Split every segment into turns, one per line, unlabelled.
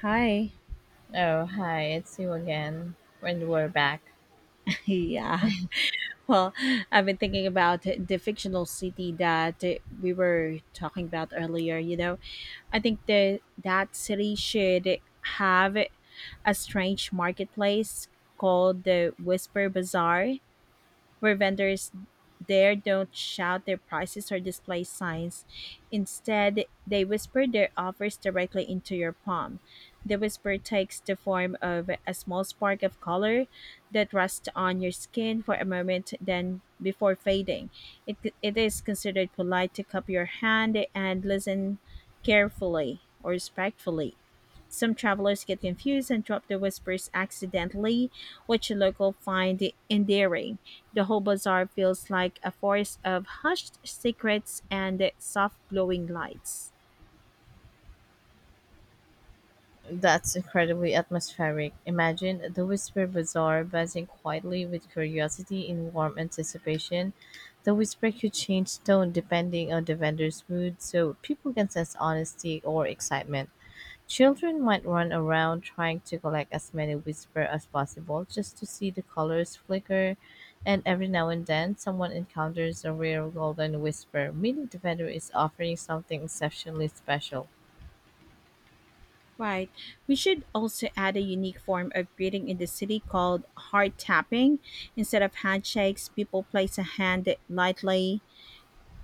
Hi.
Oh, hi, it's you again. When we're back.
Yeah. Well, I've been thinking about the fictional city that we were talking about earlier. I think the that city should have a strange marketplace called the Whisper Bazaar, where vendors there don't shout their prices or display signs. Instead, they whisper their offers directly into your palm. The whisper takes the form of a small spark of color that rests on your skin for a moment, then before fading. It, it is considered polite to cup your hand and listen carefully or respectfully. Some travelers get confused and drop the whispers accidentally, which locals find endearing. The whole bazaar feels like a forest of hushed secrets and soft glowing lights.
That's incredibly atmospheric. Imagine the Whisper Bazaar buzzing quietly with curiosity in warm anticipation. The whisper could change tone depending on the vendor's mood, so people can sense honesty or excitement. Children might run around trying to collect as many whispers as possible just to see the colors flicker, and every now and then someone encounters a rare golden whisper, meaning the vendor is offering something exceptionally special.
Right. We should also add a unique form of greeting in the city called heart tapping. Instead of handshakes, people place a hand lightly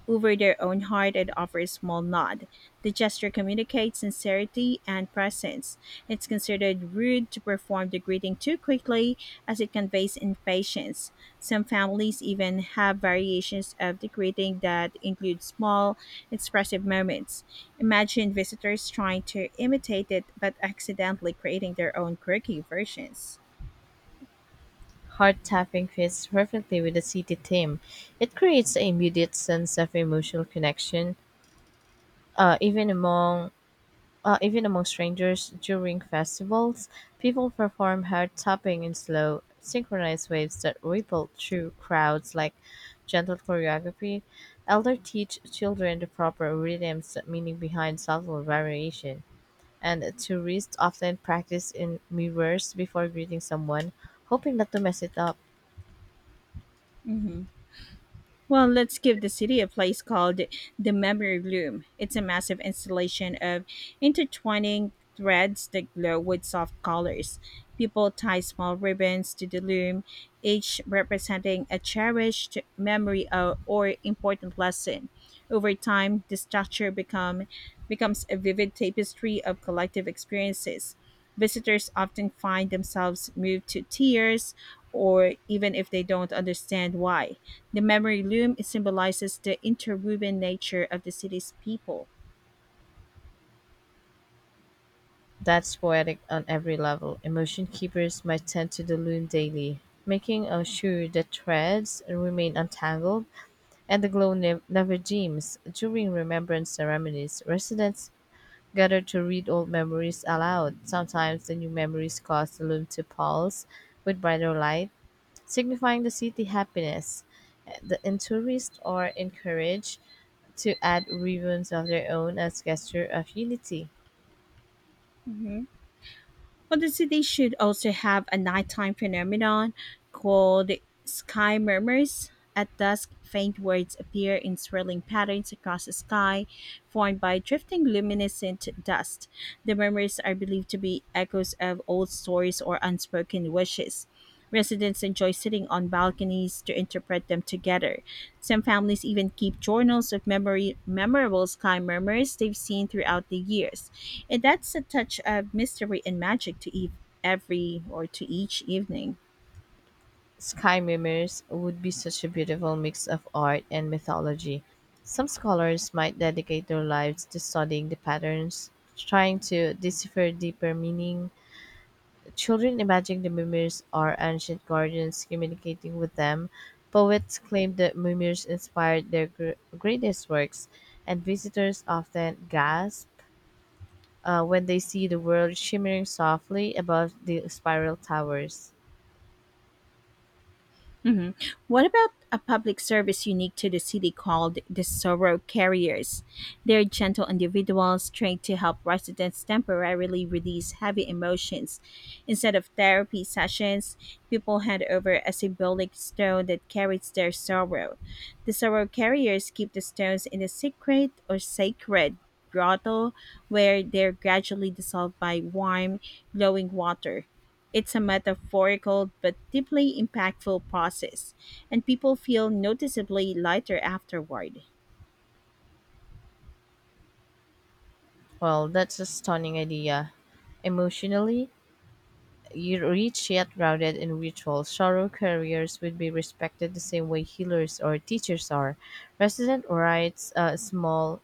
over their own heart and offer a small nod. The gesture communicates sincerity and presence. It's considered rude to perform the greeting too quickly, as it conveys impatience. Some families even have variations of the greeting that include small, expressive moments. Imagine visitors trying to imitate it but accidentally creating their own quirky versions.
Heart tapping fits perfectly with the city theme. It creates an immediate sense of emotional connection, uh, even among even among strangers during festivals, people perform heart tapping in slow, synchronized waves that ripple through crowds like gentle choreography. Elder teach children the proper rhythms, meaning behind subtle variation. And tourists often practice in mirrors before greeting someone, hoping not to mess it up.
Mhm. Well, let's give the city a place called the Memory Loom. It's a massive installation of intertwining threads that glow with soft colors. People tie small ribbons to the loom, each representing a cherished memory or important lesson. Over time, the structure becomes a vivid tapestry of collective experiences. Visitors often find themselves moved to tears, or even if they don't understand why. The memory loom symbolizes the interwoven nature of the city's people.
That's poetic on every level. Emotion keepers might tend to the loon daily, making sure the threads remain untangled and the glow never dims. During remembrance ceremonies, residents gather to read old memories aloud. Sometimes the new memories cause the loom to pulse with brighter light, signifying the city happiness. The and tourists are encouraged to add ribbons of their own as gesture of unity.
Mhm. Well, the city should also have a nighttime phenomenon called sky murmurs. At dusk, faint words appear in swirling patterns across the sky, formed by drifting luminescent dust. The murmurs are believed to be echoes of old stories or unspoken wishes. Residents enjoy sitting on balconies to interpret them together. Some families even keep journals of memorable sky murmurs they've seen throughout the years, and that's a touch of mystery and magic to eve every or to each evening.
Sky Mirrors would be such a beautiful mix of art and mythology. Some scholars might dedicate their lives to studying the patterns, trying to decipher deeper meaning. Children imagine the mirrors are ancient guardians communicating with them. Poets claim that mirrors inspired their greatest works, and visitors often gasp when they see the world shimmering softly above the spiral towers.
Hmm. What about a public service unique to the city called the Sorrow Carriers? They're gentle individuals trained to help residents temporarily release heavy emotions. Instead of therapy sessions, people hand over a symbolic stone that carries their sorrow. The Sorrow Carriers keep the stones in a secret or sacred grotto, where they're gradually dissolved by warm, glowing water. It's a metaphorical but deeply impactful process, and people feel noticeably lighter afterward.
Well, that's a stunning idea. Emotionally, you rich yet grounded in ritual. Sorrow carriers would be respected the same way healers or teachers are. Resident writes small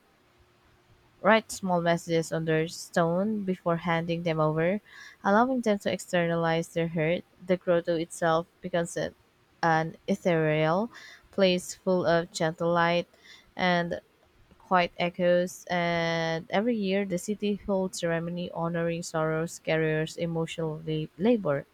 write small messages on their stone before handing them over, allowing them to externalize their hurt. The grotto itself becomes an ethereal place full of gentle light and quiet echoes, and every year the city holds ceremony honoring Sorrow's carrier's emotional labor.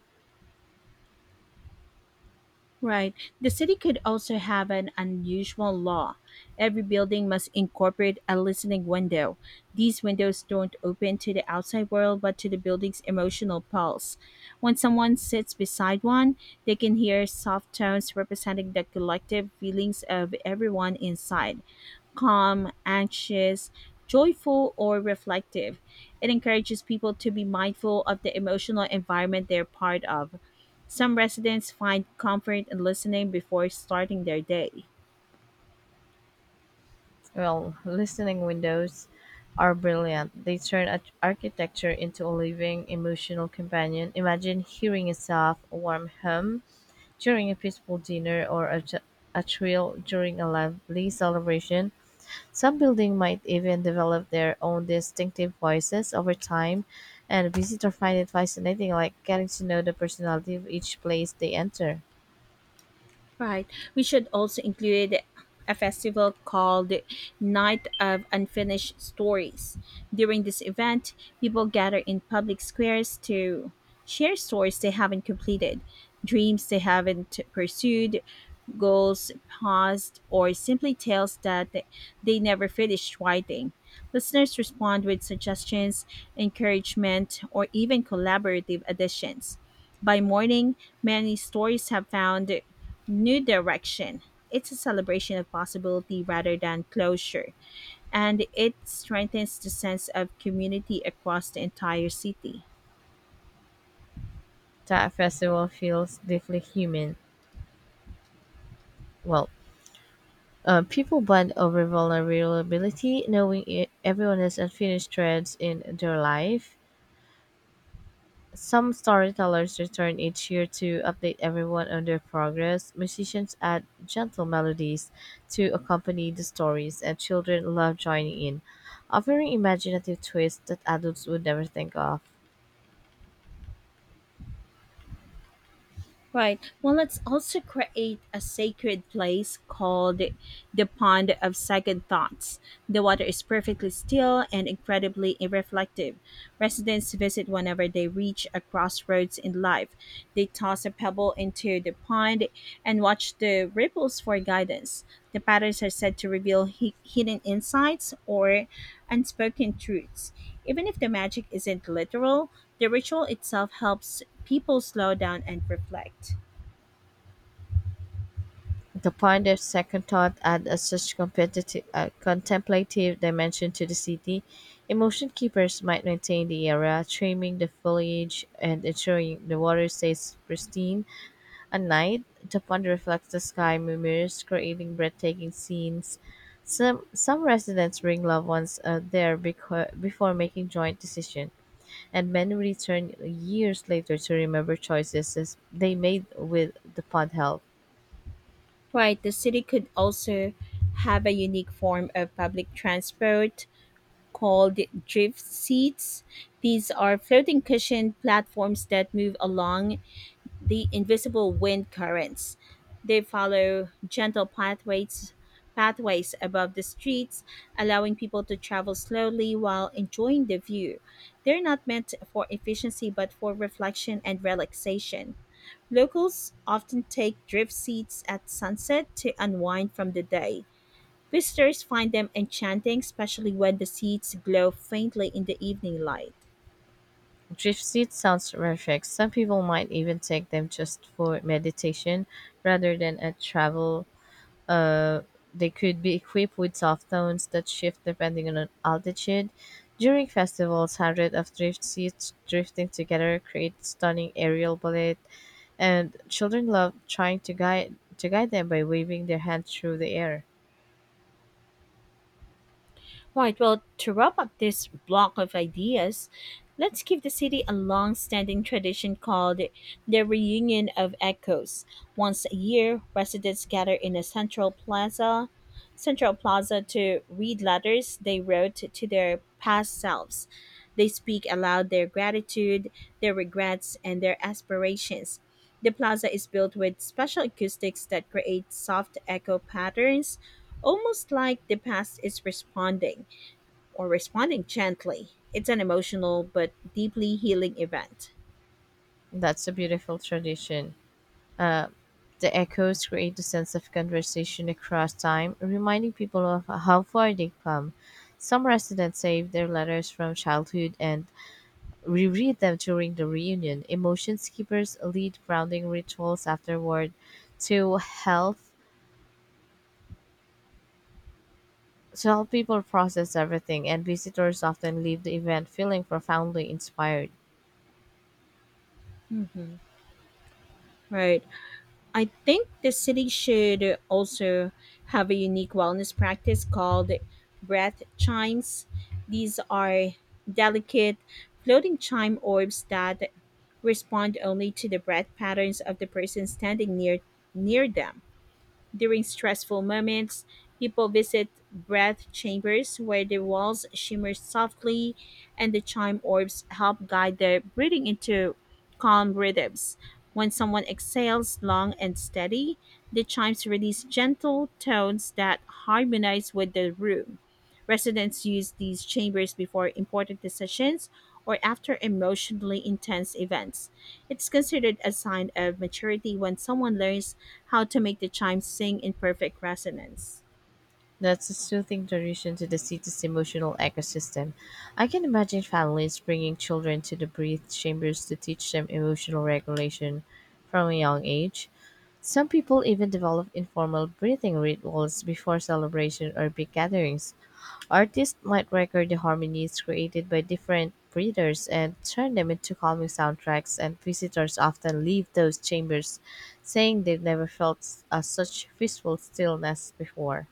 Right. The city could also have an unusual law. Every building must incorporate a listening window. These windows don't open to the outside world but to the building's emotional pulse. When someone sits beside one, they can hear soft tones representing the collective feelings of everyone inside: calm, anxious, joyful, or reflective. It encourages people to be mindful of the emotional environment they're part of. Some residents find comfort in listening before starting their day.
Well, listening windows are brilliant. They turn architecture into a living, emotional companion. Imagine hearing a soft, warm hum during a peaceful dinner or a trill during a lively celebration. Some buildings might even develop their own distinctive voices over time, and a visitor find it fascinating, like getting to know the personality of each place they enter.
Right. We should also include a festival called Night of Unfinished Stories. During this event, people gather in public squares to share stories they haven't completed, dreams they haven't pursued, goals paused, or simply tales that they never finished writing. Listeners respond with suggestions, encouragement, or even collaborative additions. By morning, many stories have found New Direction. It's a celebration of possibility rather than closure, and it strengthens the sense of community across the entire city.
That festival feels deeply human. Well, people bond over vulnerability, knowing everyone has unfinished threads in their life. Some storytellers return each year to update everyone on their progress. Musicians add gentle melodies to accompany the stories, and children love joining in, offering imaginative twists that adults would never think of.
Right. Well, let's also create a sacred place called the Pond of Second Thoughts. The water is perfectly still and incredibly reflective. Residents visit whenever they reach a crossroads in life. They toss a pebble into the pond and watch the ripples for guidance. The patterns are said to reveal hidden insights or unspoken truths. Even if the magic isn't literal, the ritual itself helps people slow down and reflect.
The pundits, second thought, add a such competitive, contemplative dimension to the city. Emotion keepers might maintain the area, trimming the foliage and ensuring the water stays pristine. At night, the pond reflects the sky mirrors, creating breathtaking scenes. Some residents bring loved ones there before making joint decisions, and many return years later to remember choices as they made with the pond help.
Right, the city could also have a unique form of public transport called drift seats. These are floating cushioned platforms that move along the invisible wind currents. They follow gentle pathways above the streets, allowing people to travel slowly while enjoying the view. They're not meant for efficiency but for reflection and relaxation. Locals often take drift seats at sunset to unwind from the day. Visitors find them enchanting, especially when the seats glow faintly in the evening light.
Drift seats sounds perfect. Some people might even take them just for meditation rather than a travel Uh, they could be equipped with soft tones that shift depending on altitude. During festivals, hundreds of drift seats drifting together create stunning aerial ballet, and children love trying to guide them by waving their hands through the air.
Right. Well, to wrap up this block of ideas, let's give the city a long standing tradition called the Reunion of Echoes. Once a year, residents gather in a Central Plaza to read letters they wrote to their past selves. They speak aloud their gratitude, their regrets, and their aspirations. The plaza is built with special acoustics that create soft echo patterns, almost like the past is responding gently. It's an emotional but deeply healing event.
That's a beautiful tradition. Uh, the echoes create a sense of conversation across time, reminding people of how far they've come. Some residents save their letters from childhood and reread them during the reunion. Emotion Skippers lead grounding rituals afterward to help to help people process everything, and visitors often leave the event feeling profoundly inspired.
Hmm. Right. I think the city should also have a unique wellness practice called breath chimes. These are delicate floating chime orbs that respond only to the breath patterns of the person standing near them. During stressful moments, people visit breath chambers where the walls shimmer softly and the chime orbs help guide their breathing into calm rhythms. When someone exhales long and steady, the chimes release gentle tones that harmonize with the room. Residents use these chambers before important decisions or after emotionally intense events. It's considered a sign of maturity when someone learns how to make the chimes sing in perfect resonance.
That's a soothing tradition to the city's emotional ecosystem. I can imagine families bringing children to the breath chambers to teach them emotional regulation from a young age. Some people even develop informal breathing rituals before celebration or big gatherings. Artists might record the harmonies created by different breeders and turn them into calming soundtracks, and visitors often leave those chambers saying they've never felt such peaceful stillness before.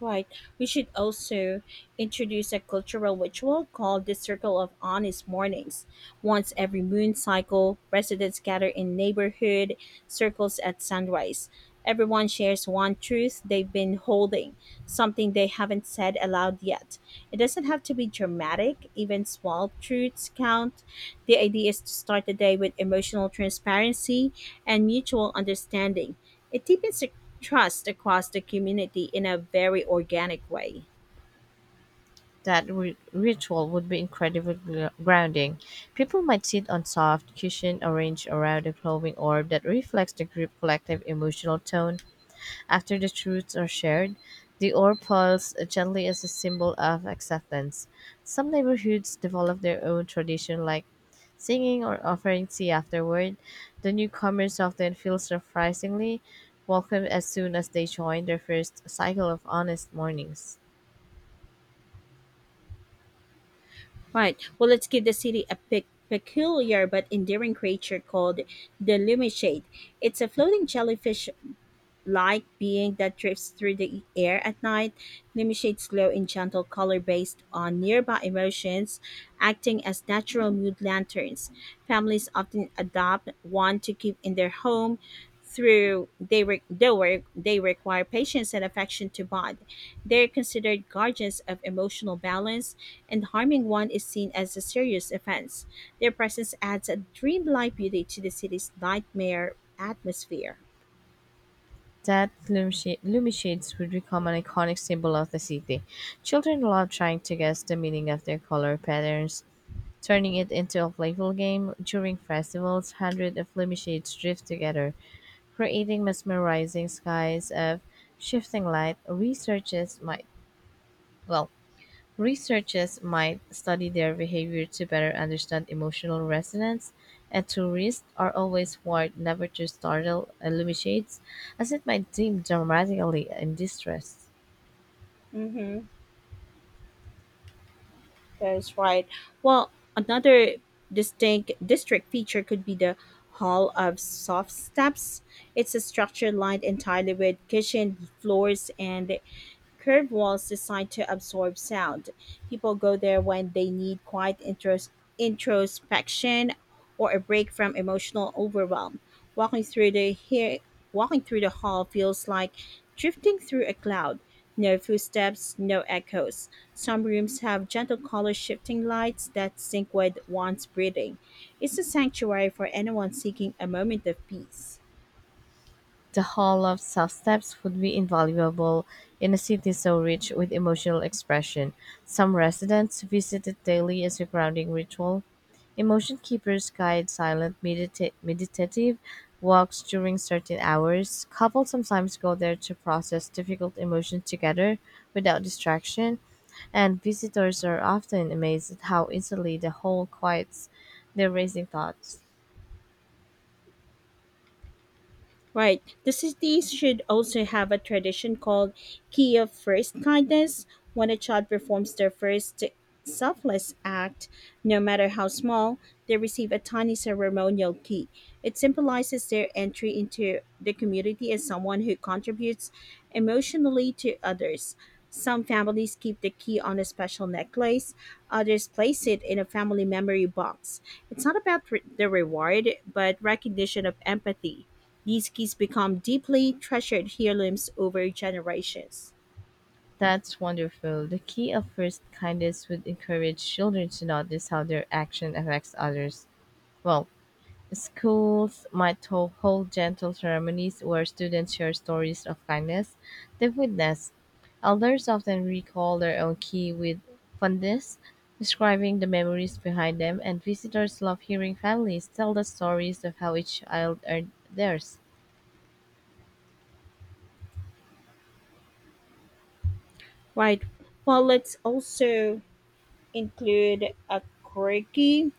Right. We should also introduce a cultural ritual called the Circle of Honest Mornings. Once every moon cycle, residents gather in neighborhood circles at sunrise. Everyone shares one truth they've been holding, something they haven't said aloud yet. It doesn't have to be dramatic, even small truths count. The idea is to start the day with emotional transparency and mutual understanding. It deepens the trust across the community in a very organic way.
That ritual would be incredibly grounding. People might sit on soft cushion arranged around a glowing orb that reflects the group collective emotional tone. After the truths are shared, the ore boils gently as a symbol of acceptance. Some neighborhoods develop their own tradition like singing or offering tea afterward. The newcomers often feel surprisingly welcome as soon as they join their first cycle of honest mornings.
Right. Well, let's give the city a peculiar but endearing creature called the Lumishade. It's a floating jellyfish like being that drifts through the air at night. Lumi shades glow in gentle color based on nearby emotions, acting as natural mood lanterns. Families often adopt one to keep in their home, through they re- they work they require patience and affection to bond. They're considered guardians of emotional balance, and harming one is seen as a serious offense. Their presence adds a dreamlike beauty to the city's nightmare atmosphere.
That loomy shades would become an iconic symbol of the city. Children love trying to guess the meaning of their color patterns turning it into a playful game. During festivals, hundreds of lampshades drift together, creating mesmerizing skies of shifting light. Well, Researchers might study their behavior to better understand emotional resonance, and tourists are always warned never to startle lampshades, as it might dim dramatically in distress.
Mm-hmm. That's right. Well, another distinct district feature could be the Hall of Soft Steps. It's a structure lined entirely with cushioned floors and Curved walls designed to absorb sound. People go there when they need quiet introspection or a break from emotional overwhelm. Walking through the he- Walking through the hall feels like drifting through a cloud. No footsteps, no echoes. Some rooms have gentle color shifting lights that sync with one's breathing. It's a sanctuary for anyone seeking a moment of peace.
The Hall of such steps would be invaluable in a city so rich with emotional expression. Some residents visit it daily as a grounding ritual. Emotion keepers guide silent meditative walks during certain hours. Couples sometimes go there to process difficult emotions together without distraction, and visitors are often amazed at how easily the hall quiets their racing thoughts.
Right. The cities should also have a tradition called Key of First Kindness. When a child performs their first selfless act, no matter how small, they receive a tiny ceremonial key. It symbolizes their entry into the community as someone who contributes emotionally to others. Some families keep the key on a special necklace, others place it in a family memory box. It's not about the reward, but recognition of empathy. These keys become deeply treasured heirlooms over generations.
That's wonderful. The key of first kindness would encourage children to notice how their action affects others. Well, schools might hold gentle ceremonies where students share stories of kindness they've witnessed. Elders often recall their own key with fondness, describing the memories behind them, and visitors love hearing families tell the stories of how each child earned theirs.
Right. Well, let's also include a quirky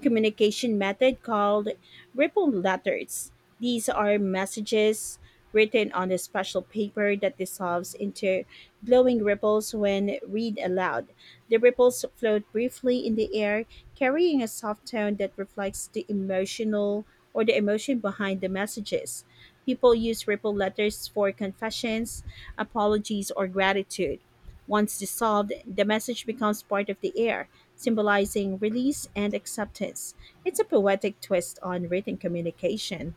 communication method called ripple letters. These are messages written on a special paper that dissolves into glowing ripples when read aloud. The ripples float briefly in the air, carrying a soft tone that reflects the emotion behind the messages. People use ripple letters for confessions, apologies, or gratitude. Once dissolved, the message becomes part of the air, symbolizing release and acceptance. It's a poetic twist on written communication.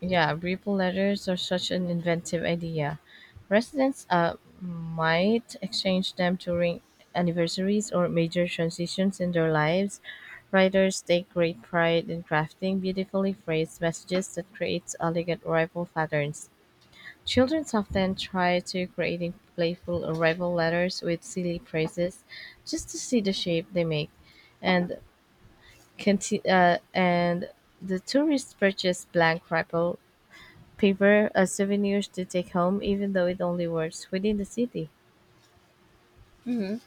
Yeah, Breville letters are such an inventive idea. Residents might exchange them during anniversaries or major transitions in their lives. Writers take great pride in crafting beautifully phrased messages that create elegant rival patterns. Children often try to creating playful arrival letters with silly phrases just to see the shape they make. And and the tourists purchase blank ripple paper as souvenirs to take home, even though it only works within the city.
Mhm.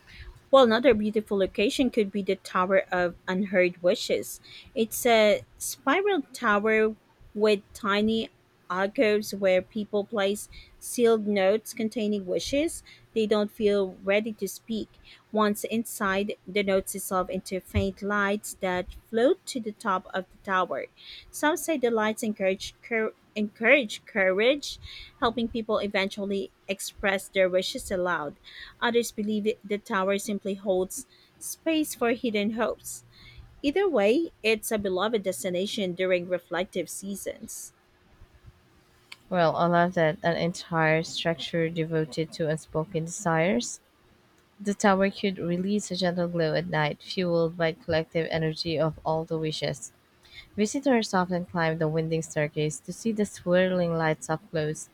Well, another beautiful location could be the Tower of Unheard Wishes. It's a spiral tower with tiny alcoves where people place sealed notes containing wishes they don't feel ready to speak. Once inside, the notes dissolve into faint lights that float to the top of the tower. Some say the lights encourage courage, helping people eventually express their wishes aloud. Others the tower simply holds space for hidden hopes. Either way, it's a beloved destination during reflective seasons.
Well, I love that an entire structure devoted to unspoken desires. The tower could release a gentle glow at night, fueled by collective energy of all the wishes. Visitors often climb the winding staircase to see the swirling lights up close.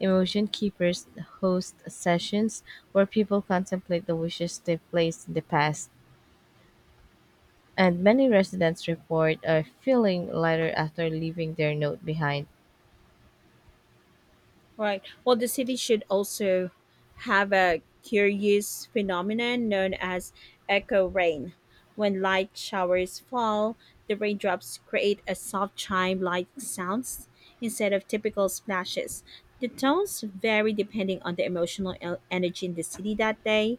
Emotion keepers host sessions where people contemplate the wishes they've placed in the past, and many residents report a feeling lighter after leaving their note behind.
Right. Well, the city should also have a curious phenomenon known as echo rain. When light showers fall, the raindrops create a soft chime like sounds instead of typical splashes. The tones vary depending on the emotional energy in the city that day.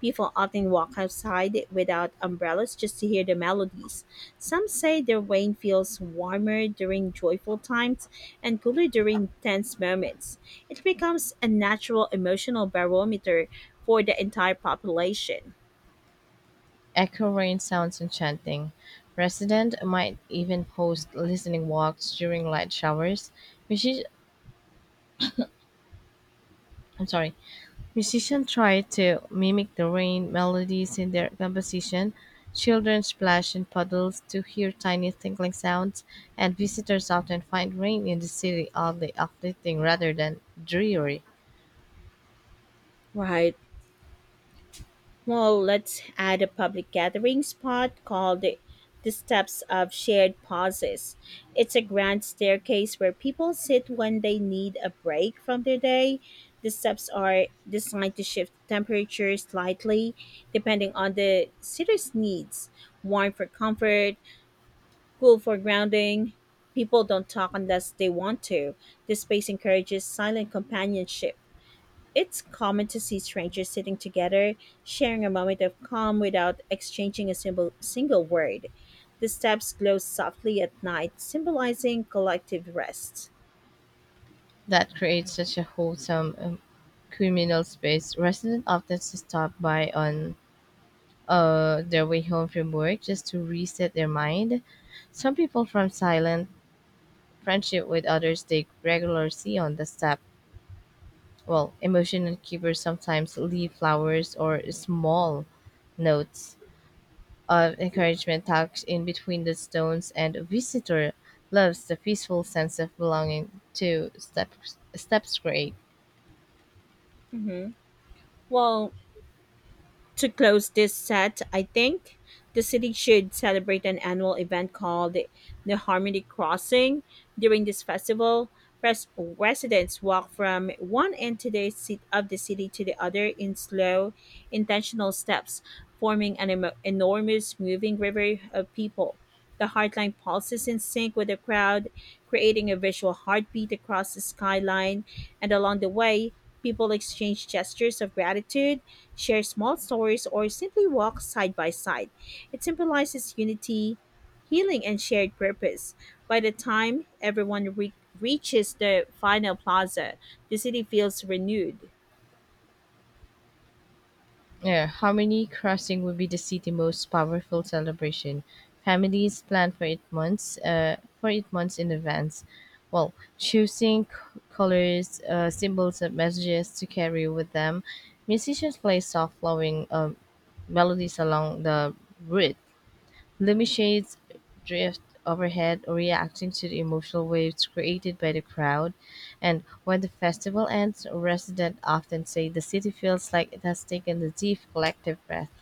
People often walk outside without umbrellas just to hear the melodies. Some say the rain feels warmer during joyful times and cooler during tense moments. It becomes a natural emotional barometer for the entire population.
Echo rain sounds enchanting. Residents might even host listening walks during light showers. Music- I'm sorry. Musicians try to mimic the rain melodies in their composition. Children splash in puddles to hear tiny tinkling sounds, and visitors often find rain in the city oddly uplifting rather than dreary.
Right. Well, let's add a public gathering spot called the Steps of Shared Pauses. It's a grand staircase where people sit when they need a break from their day. The steps are designed to shift temperature slightly depending on the sitter's needs, warm for comfort, cool for grounding. People don't talk unless they want to. This space encourages silent companionship. It's common to see strangers sitting together, sharing a moment of calm without exchanging a simple, single word. The steps glow softly at night, symbolizing collective rest.
That creates such a wholesome communal space. Residents often stop by on their way home from work just to reset their mind. Some people from silent friendship with others they regularly see on the step. Well, emotional keepers sometimes leave flowers or small notes of encouragement tucked in between the stones, and a visitor loves the peaceful sense of belonging to steps create.
hmm Well, to close this set, I think the city should celebrate an annual event called the Harmony Crossing. During this festival, residents walk from one end to the seat of the city to the other in slow, intentional steps, forming an enormous moving river of people. The heartline pulses in sync with the crowd, creating a visual heartbeat across the skyline, and along the way, people exchange gestures of gratitude, share small stories, or simply walk side by side. It symbolizes unity, healing, and shared purpose. By the time everyone reaches the final plaza, the city feels renewed.
Yeah, Harmony Crossing will be the city's most powerful celebration. Families plan for for 8 months in advance. Well, choosing colors, symbols, and messages to carry with them. Musicians play soft flowing melodies along the route. Lumishades drift overhead, reacting to the emotional waves created by the crowd. And when the festival ends, residents often say the city feels like it has taken a deep collective breath.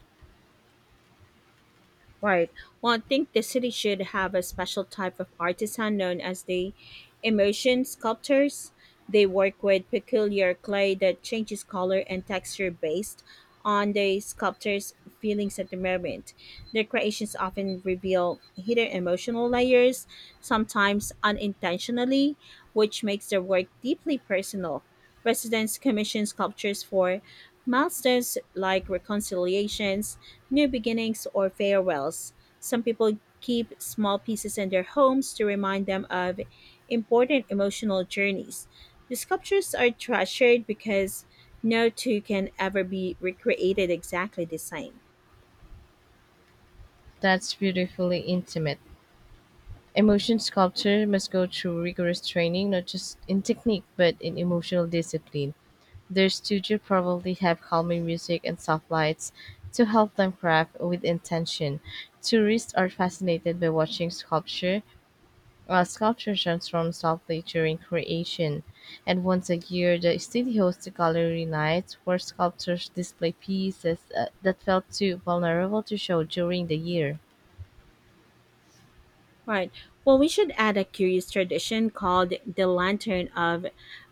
Right. Well, I think the city should have a special type of artisan known as the immersion sculptors. They work with peculiar clay that changes color and texture based on the sculptor's feelings at the moment. Their creations often reveal hidden emotional layers, sometimes unintentionally, which makes their work deeply personal. Residents commission sculptures for milestones like reconciliations, new beginnings, or farewells. Some people keep small pieces in their homes to remind them of important emotional journeys. The sculptures are treasured because no two can ever be recreated exactly the same.
That's beautifully intimate. Emotion sculpture must go through rigorous training, not just in technique, but in emotional discipline. Their studio probably have calming music and soft lights to help them craft with intention. Tourists are fascinated by watching sculpture transforms softly during creation, and once a year, the city hosts gallery nights where sculptors display pieces that felt too vulnerable to show during the year.
Right. Well, we should add a curious tradition called the lantern of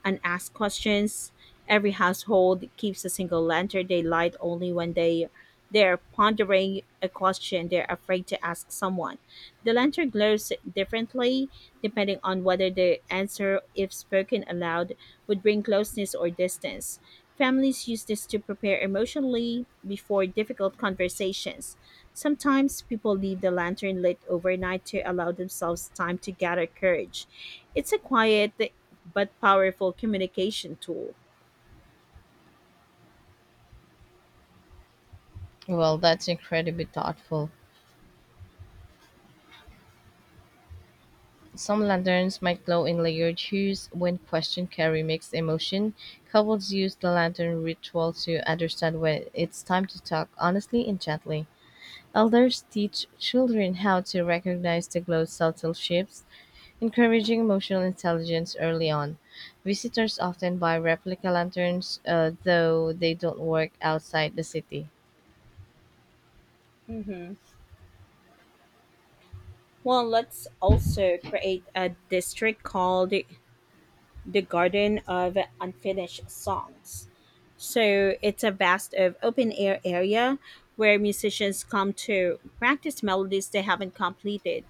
unasked questions. Every household keeps a single lantern they light only when they're pondering a question they're afraid to ask someone. The lantern glows differently depending on whether the answer, if spoken aloud, would bring closeness or distance. Families use this to prepare emotionally before difficult conversations. Sometimes people leave the lantern lit overnight to allow themselves time to gather courage. It's a quiet but powerful communication tool.
Well, that's incredibly thoughtful. Some lanterns might glow in layered hues when question carry mixed emotion. Couples use the lantern ritual to understand when it's time to talk honestly and gently. Elders teach children how to recognize the glow's subtle shifts encouraging emotional intelligence early on. Visitors often buy replica lanterns, though they don't work outside the city.
hmm Well, let's also create a district called the Garden of Unfinished Songs. So it's a vast of open air area where musicians come to practice melodies they haven't completed.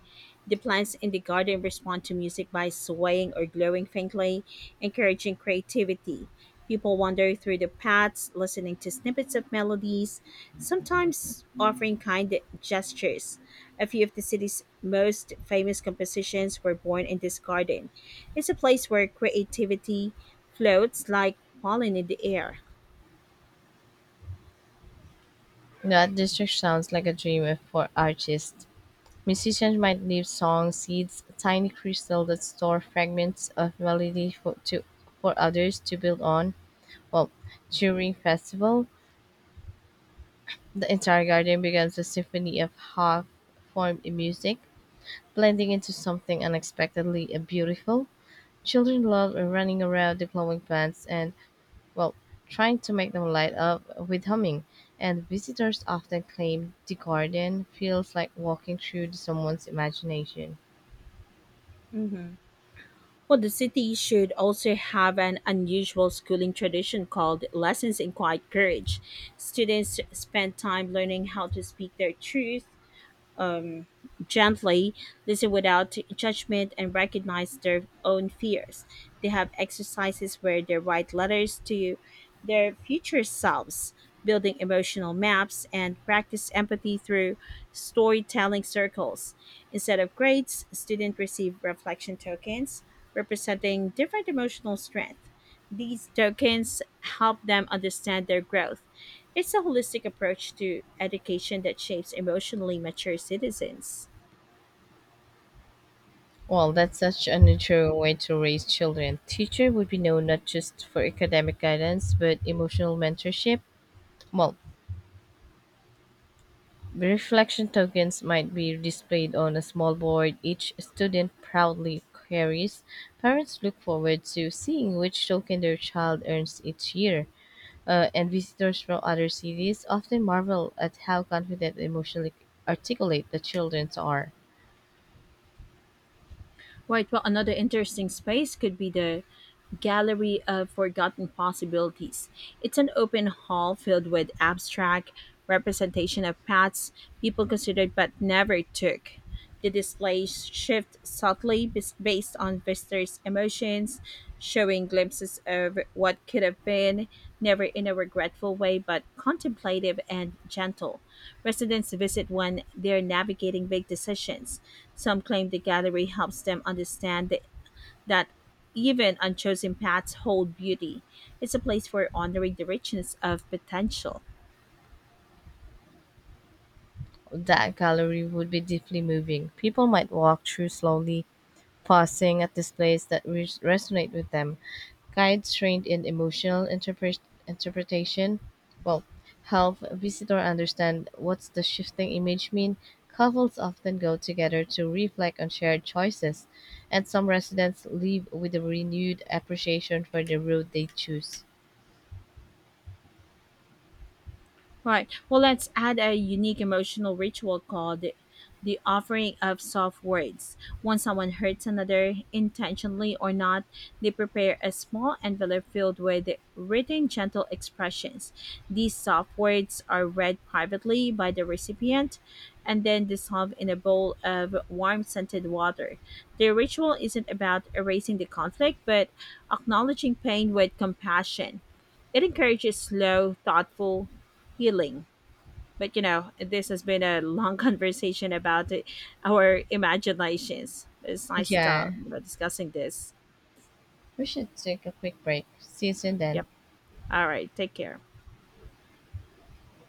The plants in the garden respond to music by swaying or glowing faintly, encouraging creativity. People wander through the paths, listening to snippets of melodies, sometimes offering kind gestures. A few of the city's most famous compositions were born in this garden. It's a place where creativity floats like pollen in the air.
That district sounds like a dream if for artists. Musicians might leave song seeds, tiny crystals that store fragments of melody for others to build on. Well, during festival, the entire garden becomes a symphony of half-formed music, blending into something unexpectedly beautiful. Children love running around deploying plants and, well, trying to make them light up with humming, and visitors often claim the garden feels like walking through someone's imagination.
Well, the city should also have an unusual schooling tradition called Lessons in Quiet Courage. Students spend time learning how to speak their truth, gently, listen without judgment, and recognize their own fears. They have exercises where they write letters to their future selves, building emotional maps, and practice empathy through storytelling circles. Instead of grades, students receive reflection tokens representing different emotional strength. These tokens help them understand their growth. It's a holistic approach to education that shapes emotionally mature citizens.
Well, that's such a natural way to raise children. Teacher would be known not just for academic guidance, but emotional mentorship. Well, reflection tokens might be displayed on a small board each student proudly carries. Parents look forward to seeing which token their child earns each year, and visitors from other cities often marvel at how confident and emotionally articulate the children are.
Right. Well, another interesting space could be the Gallery of Forgotten Possibilities. It's an open hall filled with abstract representation of paths people considered but never took. The displays shift subtly based on visitors' emotions, showing glimpses of what could have been, never in a regretful way, but contemplative and gentle. Residents visit when they're navigating big decisions. Some claim the gallery helps them understand the that even unchosen paths hold beauty. It's a place for honoring the richness of potential.
That gallery would be deeply moving. People might walk through slowly, pausing at displays that resonate with them. Guides trained in emotional interpretation well, help visitor understand what's the shifting image mean. Couples often go together to reflect on shared choices, and some residents leave with a renewed appreciation for the road they choose.
Right. Well, let's add a unique emotional ritual called the offering of soft words. When someone hurts another, intentionally or not, they prepare a small envelope filled with written gentle expressions. These soft words are read privately by the recipient and then dissolved in a bowl of warm scented water. The ritual isn't about erasing the conflict, but acknowledging pain with compassion. It encourages slow, thoughtful, healing. But you know, this has been a long conversation about it, our imaginations. It's nice to,
Yeah,
discussing this.
we should take a quick break. See you soon then.
Yep. All right. Take care.